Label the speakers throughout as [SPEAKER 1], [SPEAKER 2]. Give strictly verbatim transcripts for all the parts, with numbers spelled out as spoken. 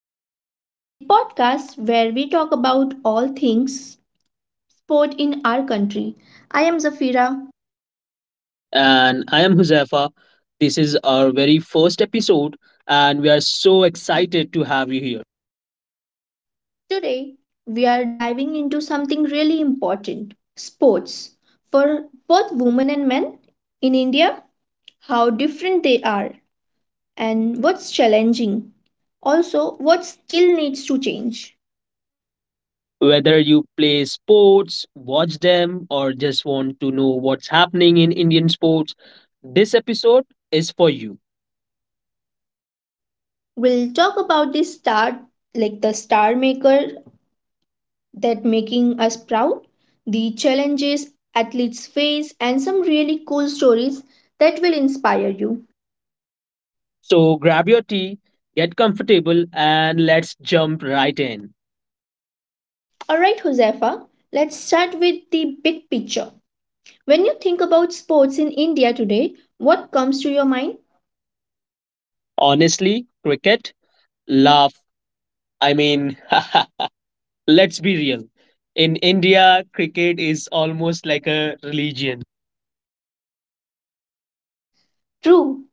[SPEAKER 1] India, the podcast where we talk about all things sport in our country. I am Zafira.
[SPEAKER 2] And I am Huzaifa. This is our very first episode, and we are so excited to have you here.
[SPEAKER 1] Today, we are diving into something really important sports. For both women and men in India, how different they are, and what's challenging. Also, what still needs to change.
[SPEAKER 2] Whether you play sports, watch them, or just want to know what's happening in Indian sports, this episode is for you.
[SPEAKER 1] We'll talk about the star, like the star maker that making us proud, the challenges athletes face, and some really cool stories that will inspire you.
[SPEAKER 2] So grab your tea, get comfortable, and let's jump right in.
[SPEAKER 1] All right, Josefa, let's start with the big picture. When you think about sports in India today, what comes to your mind?
[SPEAKER 2] Honestly, cricket, laugh. I mean, let's be real. In India, cricket is almost like a religion.
[SPEAKER 1] True,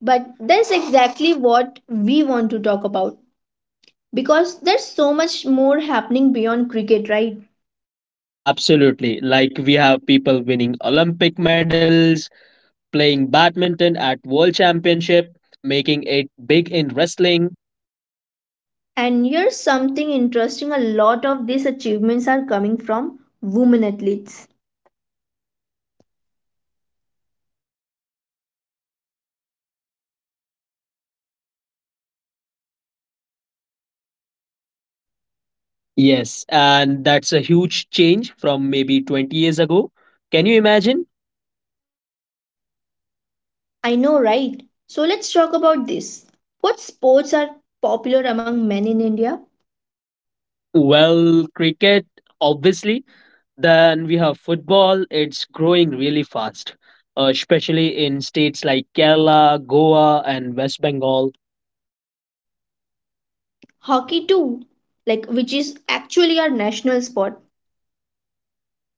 [SPEAKER 1] but that's exactly what we want to talk about because there's so much more happening beyond cricket, right?
[SPEAKER 2] Absolutely. Like we have people winning Olympic medals, playing badminton at World Championship, making it big in wrestling.
[SPEAKER 1] And here's something interesting a lot of these achievements are coming from women athletes.
[SPEAKER 2] Yes, and that's a huge change from maybe twenty years ago. Can you imagine?
[SPEAKER 1] I know, right? So let's talk about this. What sports are popular among men in India?
[SPEAKER 2] Well, cricket, obviously. Then we have football. It's growing really fast, uh, especially in states like Kerala, Goa, and West Bengal.
[SPEAKER 1] Hockey, too, like which is actually our national
[SPEAKER 2] Sport.
[SPEAKER 1] sport.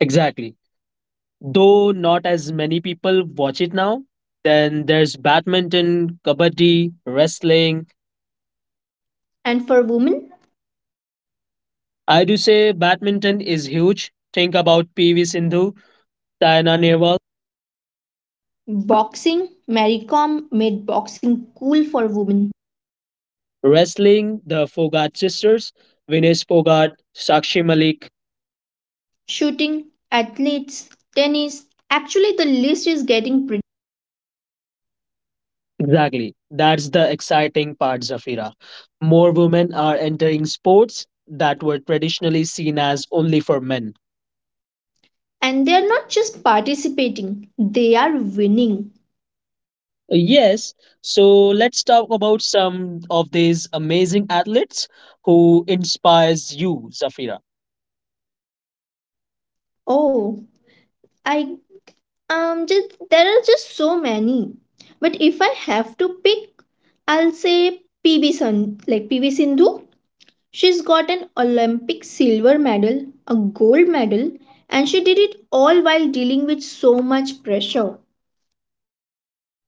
[SPEAKER 2] Exactly. Though not as many people watch it now, then there's badminton, kabaddi, wrestling.
[SPEAKER 1] And for women,
[SPEAKER 2] I do say badminton is huge. Think about P V Sindhu, Saina Nehwal.
[SPEAKER 1] boxing, Maricom made boxing cool for women.
[SPEAKER 2] Wrestling, the Fogart sisters, Vinesh Fogart, Sakshi Malik.
[SPEAKER 1] Shooting, athletes, tennis. Actually, the list is getting pretty.
[SPEAKER 2] Exactly. That's the exciting part, Zafira. More women are entering sports that were traditionally seen as only for men.
[SPEAKER 1] And they are not just participating, they are winning.
[SPEAKER 2] Yes, so let's talk about some of these amazing athletes who inspires you, Zafira.
[SPEAKER 1] Oh, I Um, just, there are just so many. But if I have to pick, I'll say P B Sun, like P B Sindhu. She's got an Olympic silver medal, a gold medal, and she did it all while dealing with so much pressure.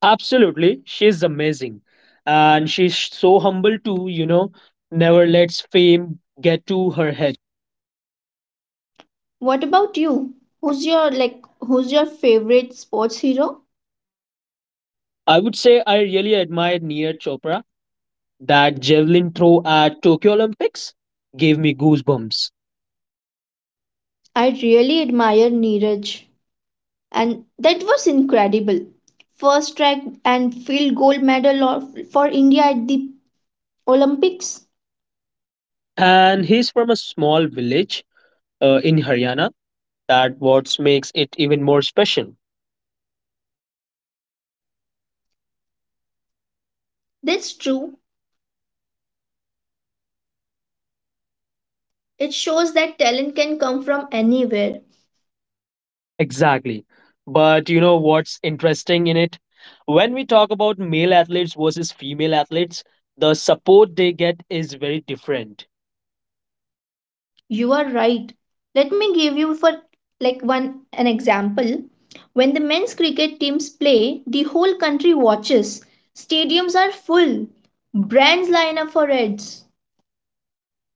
[SPEAKER 2] Absolutely, she's amazing. And she's so humble too, you know, never lets fame get to her head.
[SPEAKER 1] What about you? Who's your like who's your favorite sports hero?
[SPEAKER 2] I would say I really admire Neer Chopra. That javelin throw at Tokyo Olympics gave me goosebumps.
[SPEAKER 1] I really admire Neeraj and that was incredible. First track and field gold medal of- for India at the Olympics.
[SPEAKER 2] And he's from a small village uh, in Haryana. That what makes it even more special.
[SPEAKER 1] That's true. It shows that talent can come from anywhere.
[SPEAKER 2] Exactly. But you know what's interesting in it? When we talk about male athletes versus female athletes, the support they get is very different.
[SPEAKER 1] You are right. Let me give you for like one an example. When the men's cricket teams play, the whole country watches. Stadiums are full. Brands line up for ads.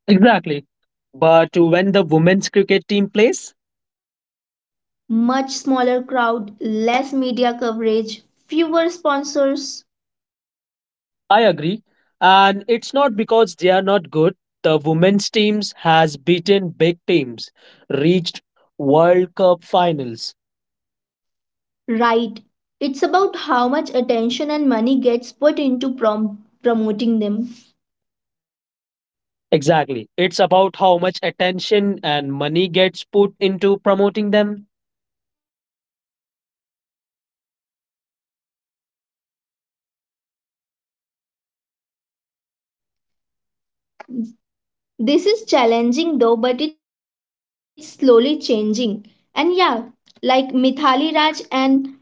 [SPEAKER 2] Exactly. But when the women's cricket team plays,
[SPEAKER 1] Much smaller crowd, less media coverage, fewer sponsors.
[SPEAKER 2] I agree. And it's not because they are not good. The women's teams has beaten big teams, reached World Cup finals.
[SPEAKER 1] Right. It's about how much attention and money gets put into prom- promoting them.
[SPEAKER 2] Exactly. It's about how much attention and money gets put into promoting them.
[SPEAKER 1] This is challenging though, but it's slowly changing. And yeah, like Mithali Raj and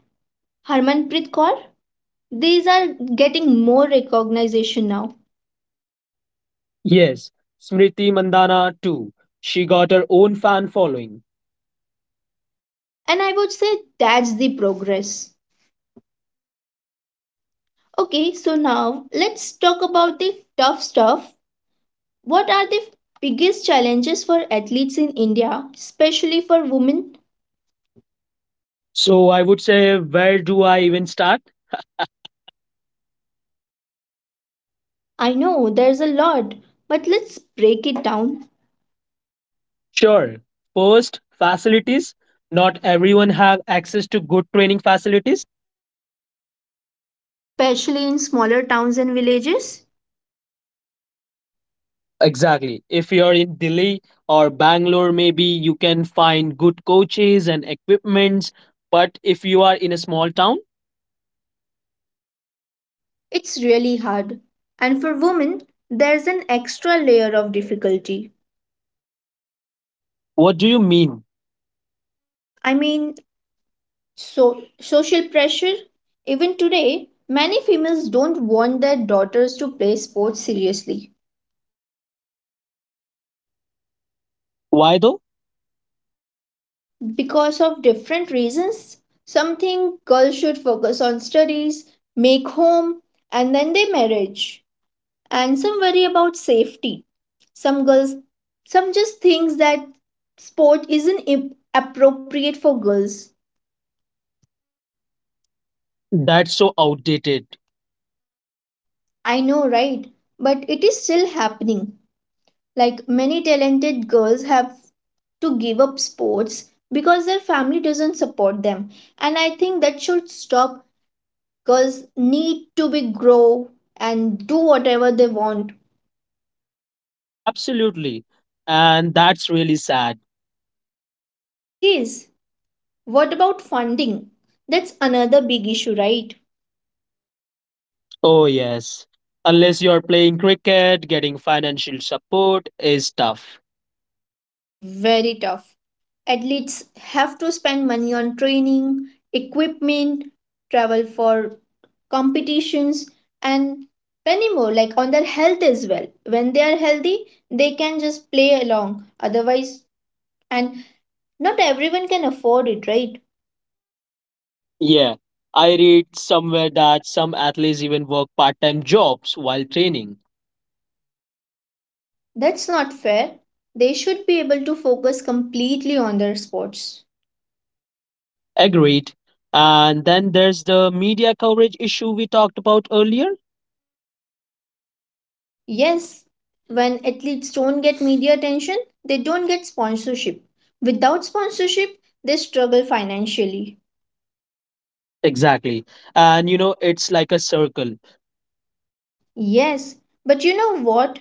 [SPEAKER 1] Harmanpreet Kaur, these are getting more recognition now.
[SPEAKER 2] Yes, Smriti Mandana too. She got her own fan following.
[SPEAKER 1] And I would say that's the progress. Okay, so now let's talk about the tough stuff. What are the biggest challenges for athletes in India, especially for women?
[SPEAKER 2] So I would say, where do I even start?
[SPEAKER 1] I know there's a lot, but let's break it down,
[SPEAKER 2] Sure. First, facilities. Not everyone have access to good training facilities.
[SPEAKER 1] especially in smaller towns and villages.
[SPEAKER 2] Exactly. If you're in Delhi or Bangalore, maybe you can find good coaches and equipments. But if you are in a small town,
[SPEAKER 1] It's really hard. And for women, there's an extra layer of difficulty.
[SPEAKER 2] what do you mean?
[SPEAKER 1] I mean, so social pressure. Even today, many females don't want their daughters to play sports seriously
[SPEAKER 2] Why though?
[SPEAKER 1] because of different reasons. Some think girls should focus on studies, make home, and then their marriage. And some worry about safety. Some girls, some just thinks that sport isn't ap- appropriate for girls.
[SPEAKER 2] That's so outdated.
[SPEAKER 1] I know, right? But it is still happening. Like many talented girls have to give up sports because their family doesn't support them. And I think that should stop. Girls need to be grow and do whatever they want.
[SPEAKER 2] Absolutely. And that's really sad.
[SPEAKER 1] It is. What about funding? That's another big issue, right?
[SPEAKER 2] Oh, yes. Unless you're playing cricket, getting financial support is tough.
[SPEAKER 1] Very tough. Athletes have to spend money on training, equipment, travel for competitions, and many more, like on their health as well. When they are healthy, they can just play along. Otherwise, and not everyone can afford it, right?
[SPEAKER 2] Yeah. I read somewhere that some athletes even work part time jobs while training.
[SPEAKER 1] That's not fair. They should be able to focus completely on their sports.
[SPEAKER 2] Agreed. And then there's the media coverage issue we talked about earlier.
[SPEAKER 1] Yes, when athletes don't get media attention, they don't get sponsorship. Without sponsorship, they struggle financially.
[SPEAKER 2] Exactly. And you know, it's like a circle.
[SPEAKER 1] Yes, but you know what?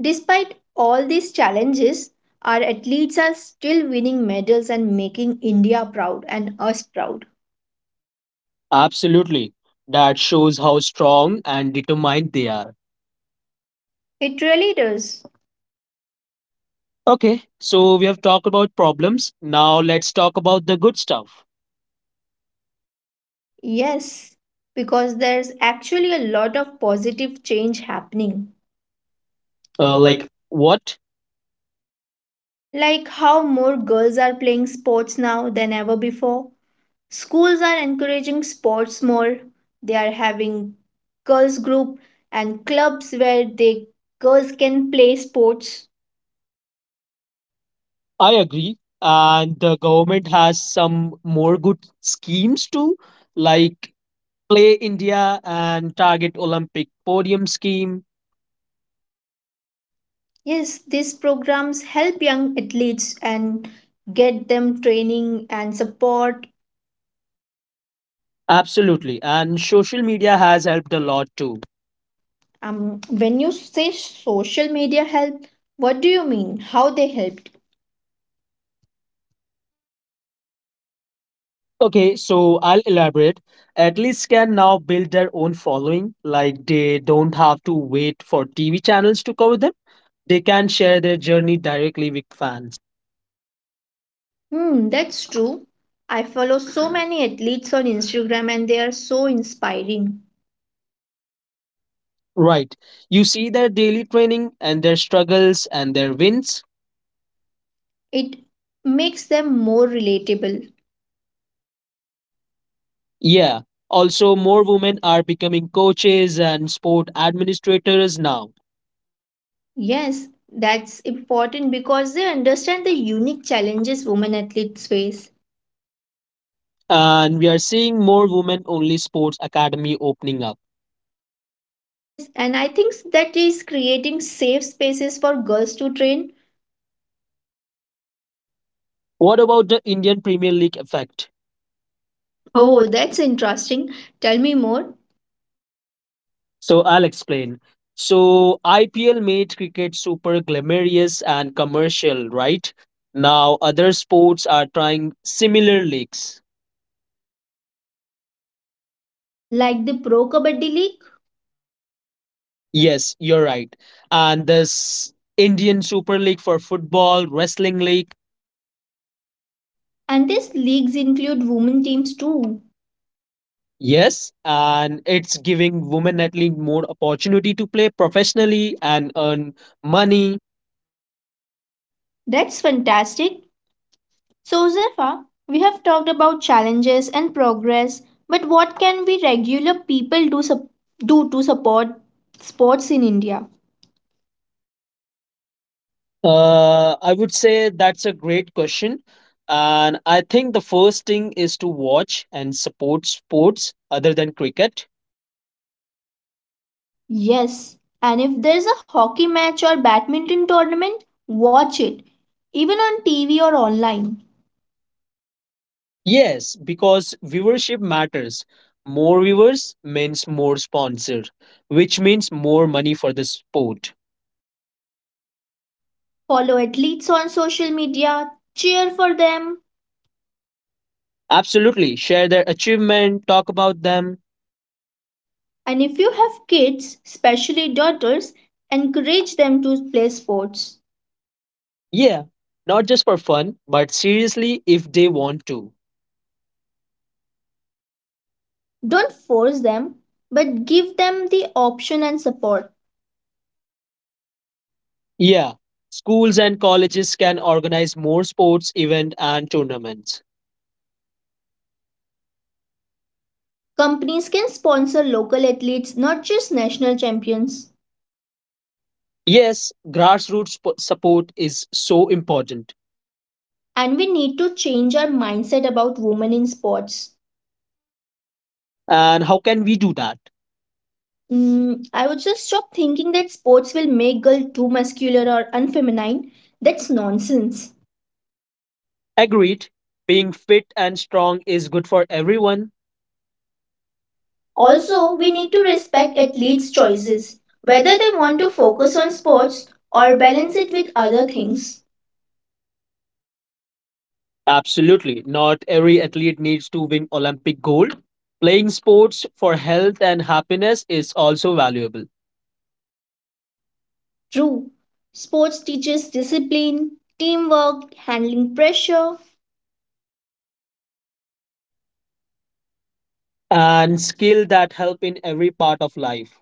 [SPEAKER 1] Despite all these challenges, our athletes are still winning medals and making India proud and us proud.
[SPEAKER 2] Absolutely. That shows how strong and determined they are.
[SPEAKER 1] It really does.
[SPEAKER 2] Okay, so we have talked about problems. Now let's talk about the good stuff.
[SPEAKER 1] Yes, because there's actually a lot of positive change happening.
[SPEAKER 2] Uh,
[SPEAKER 1] Uh, like,
[SPEAKER 2] like what?
[SPEAKER 1] Like how more girls are playing sports now than ever before. Schools are encouraging sports more. They are having girls group and clubs where they girls can play sports.
[SPEAKER 2] I agree. And the government has some more good schemes too, like Play India and Target Olympic Podium scheme.
[SPEAKER 1] Yes, these programs help young athletes and get them training and support.
[SPEAKER 2] Absolutely. And social media has helped a lot too.
[SPEAKER 1] Um, when you say social media help, what do you mean? How they helped?
[SPEAKER 2] Okay, so I'll elaborate. Athletes can now build their own following, like they don't have to wait for T V channels to cover them. They can share their journey directly with fans.
[SPEAKER 1] Hmm, that's true. I follow so many athletes on Instagram and they are so inspiring.
[SPEAKER 2] Right. You see their daily training and their struggles and their wins.
[SPEAKER 1] It makes them more relatable.
[SPEAKER 2] Yeah. Also, more women are becoming coaches and sport administrators now.
[SPEAKER 1] Yes, that's important because they understand the unique challenges women athletes face.
[SPEAKER 2] And we are seeing more women only sports academy opening up.
[SPEAKER 1] Yes, and I think that is creating safe spaces for girls to train.
[SPEAKER 2] What about the Indian Premier League effect? Oh,
[SPEAKER 1] Oh, that's interesting. Tell me more.
[SPEAKER 2] so I'll explain. So I P L made cricket super glamorous and commercial, right? Now other sports are trying similar leagues.
[SPEAKER 1] Like the Pro Kabaddi League?
[SPEAKER 2] Yes, you're right. And this Indian Super League for football, wrestling league.
[SPEAKER 1] And these leagues include women teams too.
[SPEAKER 2] Yes, and it's giving women athlete more opportunity to play professionally and earn money.
[SPEAKER 1] That's fantastic. So, Zerfa, we have talked about challenges and progress, but what can we regular people do, sup- do to support sports in India?
[SPEAKER 2] Uh, I would say that's a great question. And I think the first thing is to watch and support sports other than cricket.
[SPEAKER 1] Yes, and if there's a hockey match or badminton tournament, watch it, even on T V or online.
[SPEAKER 2] Yes, because viewership matters. More viewers means more sponsor, which means more money for the sport.
[SPEAKER 1] Follow athletes on social media, cheer for them,
[SPEAKER 2] Absolutely. Share their achievement, talk about them.
[SPEAKER 1] and if you have kids, especially daughters, encourage them to play sports.
[SPEAKER 2] Yeah, not just for fun, but seriously if they want to.
[SPEAKER 1] Don't force them, but give them the option and support.
[SPEAKER 2] Yeah, schools and colleges can organize more sports events and tournaments.
[SPEAKER 1] Companies can sponsor local athletes, not just national champions.
[SPEAKER 2] Yes, grassroots sp- support is so important.
[SPEAKER 1] And we need to change our mindset about women in sports.
[SPEAKER 2] And how can we do that?
[SPEAKER 1] Mm, I would just stop thinking that sports will make girls too muscular or unfeminine. That's nonsense.
[SPEAKER 2] Agreed, being fit and strong is good for everyone. Also,
[SPEAKER 1] Also, we
[SPEAKER 2] we need
[SPEAKER 1] need
[SPEAKER 2] to
[SPEAKER 1] to respect
[SPEAKER 2] respect
[SPEAKER 1] athletes'
[SPEAKER 2] athletes' choices,
[SPEAKER 1] choices, whether
[SPEAKER 2] whether they
[SPEAKER 1] they
[SPEAKER 2] want
[SPEAKER 1] want
[SPEAKER 2] to
[SPEAKER 1] to
[SPEAKER 2] focus
[SPEAKER 1] focus
[SPEAKER 2] on
[SPEAKER 1] on
[SPEAKER 2] sports
[SPEAKER 1] sports
[SPEAKER 2] or
[SPEAKER 1] or
[SPEAKER 2] balance
[SPEAKER 1] balance
[SPEAKER 2] it
[SPEAKER 1] it
[SPEAKER 2] with
[SPEAKER 1] with
[SPEAKER 2] other
[SPEAKER 1] other
[SPEAKER 2] things.
[SPEAKER 1] things.
[SPEAKER 2] Absolutely. Not every athlete needs to win Olympic gold. Playing sports for health and happiness is also valuable,
[SPEAKER 1] True, sports teaches discipline, teamwork, handling pressure.
[SPEAKER 2] and skill that help in every part of life.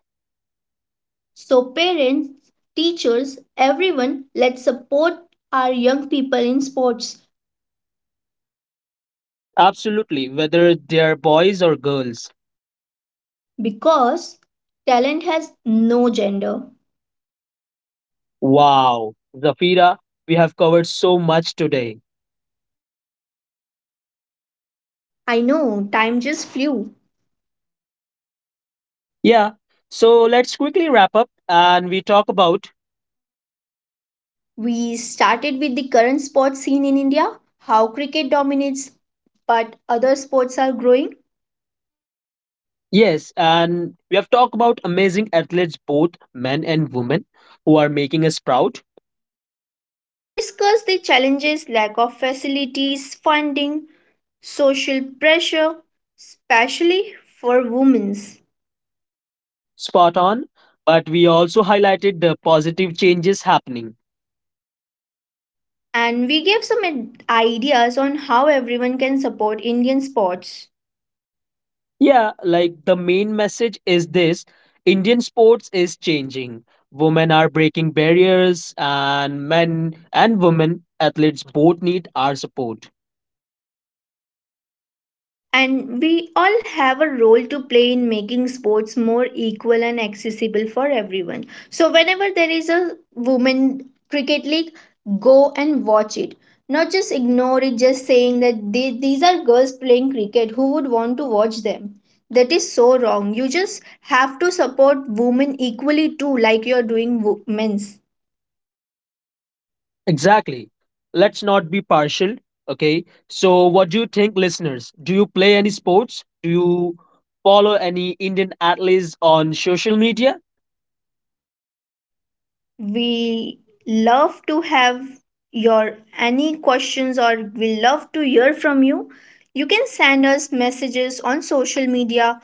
[SPEAKER 1] So, parents, teachers, everyone, let's support our young people in sports
[SPEAKER 2] Absolutely, whether they're boys or girls.
[SPEAKER 1] because talent has no gender.
[SPEAKER 2] Wow, Zafira, we have covered so much today.
[SPEAKER 1] I know, time just flew.
[SPEAKER 2] Yeah. So let's quickly wrap up and we talk about,
[SPEAKER 1] We started with the current sports scene in India, how cricket dominates but other sports are growing.
[SPEAKER 2] yes, and we have talked about amazing athletes, both men and women, who are making us proud.
[SPEAKER 1] We discussed the challenges, lack of facilities, funding, social pressure, especially for women's.
[SPEAKER 2] Spot on. But we also highlighted the positive changes happening.
[SPEAKER 1] And we gave some ad- ideas on how everyone can support Indian sports.
[SPEAKER 2] Yeah, like the main message is this: Indian sports is changing. Women are breaking barriers, and men and women athletes both need our support.
[SPEAKER 1] And we all have a role to play in making sports more equal and accessible for everyone. So, whenever there is a women cricket league, go and watch it. Not just ignore it, just saying that they, these are girls playing cricket. Who would want to watch them? That is so wrong. You just have to support women equally too, like you're doing wo- men's.
[SPEAKER 2] Exactly. Let's not be partial. Okay. So, what do you think, listeners? Do you play any sports? Do you follow any Indian athletes on social media?
[SPEAKER 1] We love to have your any questions or we love to hear from you. You can send us messages on social media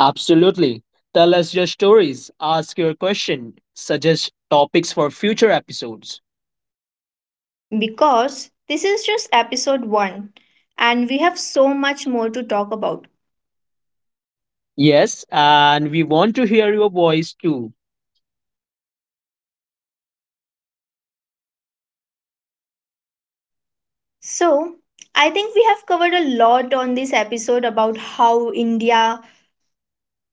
[SPEAKER 2] Absolutely. Tell us your stories, ask your question, suggest topics for future episodes.
[SPEAKER 1] because this is just episode one and we have so much more to talk about.
[SPEAKER 2] Yes, and we want to hear your voice too.
[SPEAKER 1] So, I think we have covered a lot on this episode about how India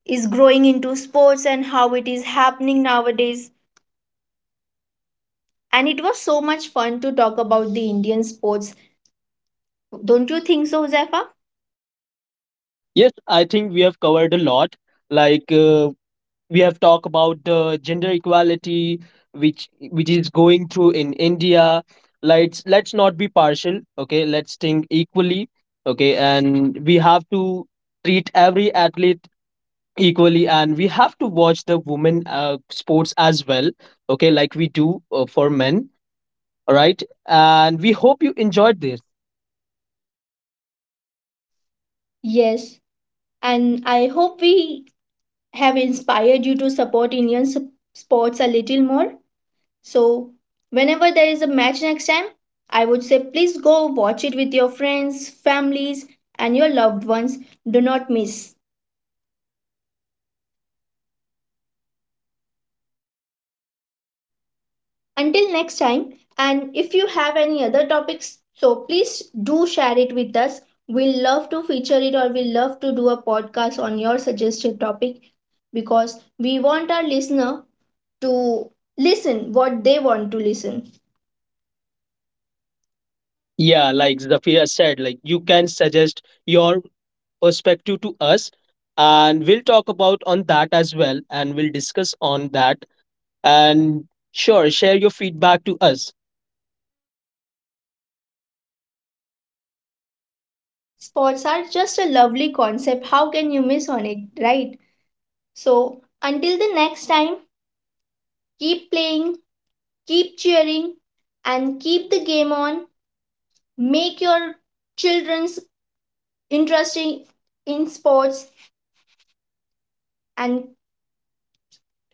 [SPEAKER 1] is growing into sports and how it is happening nowadays. And it was so much fun to talk about the Indian sports. Don't you think so, Zephyr?
[SPEAKER 2] Yes, I think we have covered a lot. Like uh, we have talked about the gender equality which which is going through in India. Let's let's not be partial, okay? Let's think equally, okay? And we have to treat every athlete equally, and we have to watch the women uh, sports as well, okay, like we do uh, for men. All right, and we hope you enjoyed this.
[SPEAKER 1] Yes, and I hope we have inspired you to support Indian s- sports a little more. So, whenever there is a match next time, I would say please go watch it with your friends, families, and your loved ones. Do not miss. Until next time, and if you have any other topics, so please do share it with us. We'll love to feature it or we'll love to do a podcast on your suggested topic because we want our listener to listen what they want to listen.
[SPEAKER 2] Yeah, like Zafira said, like you can suggest your perspective to us, and we'll talk about on that as well, and we'll discuss on that, and sure, share your feedback to us.
[SPEAKER 1] Sports are just a lovely concept. How can you miss on it, right? So, until the next time, keep playing, keep cheering, and keep the game on. Make your children's interesting in sports and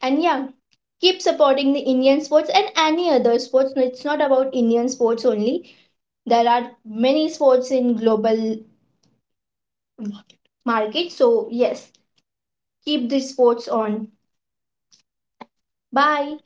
[SPEAKER 1] and yeah keep supporting the Indian sports and any other sports. No, it's not about Indian sports only, there are many sports in global market, so yes, keep the sports on.
[SPEAKER 2] Bye.
[SPEAKER 1] Bye.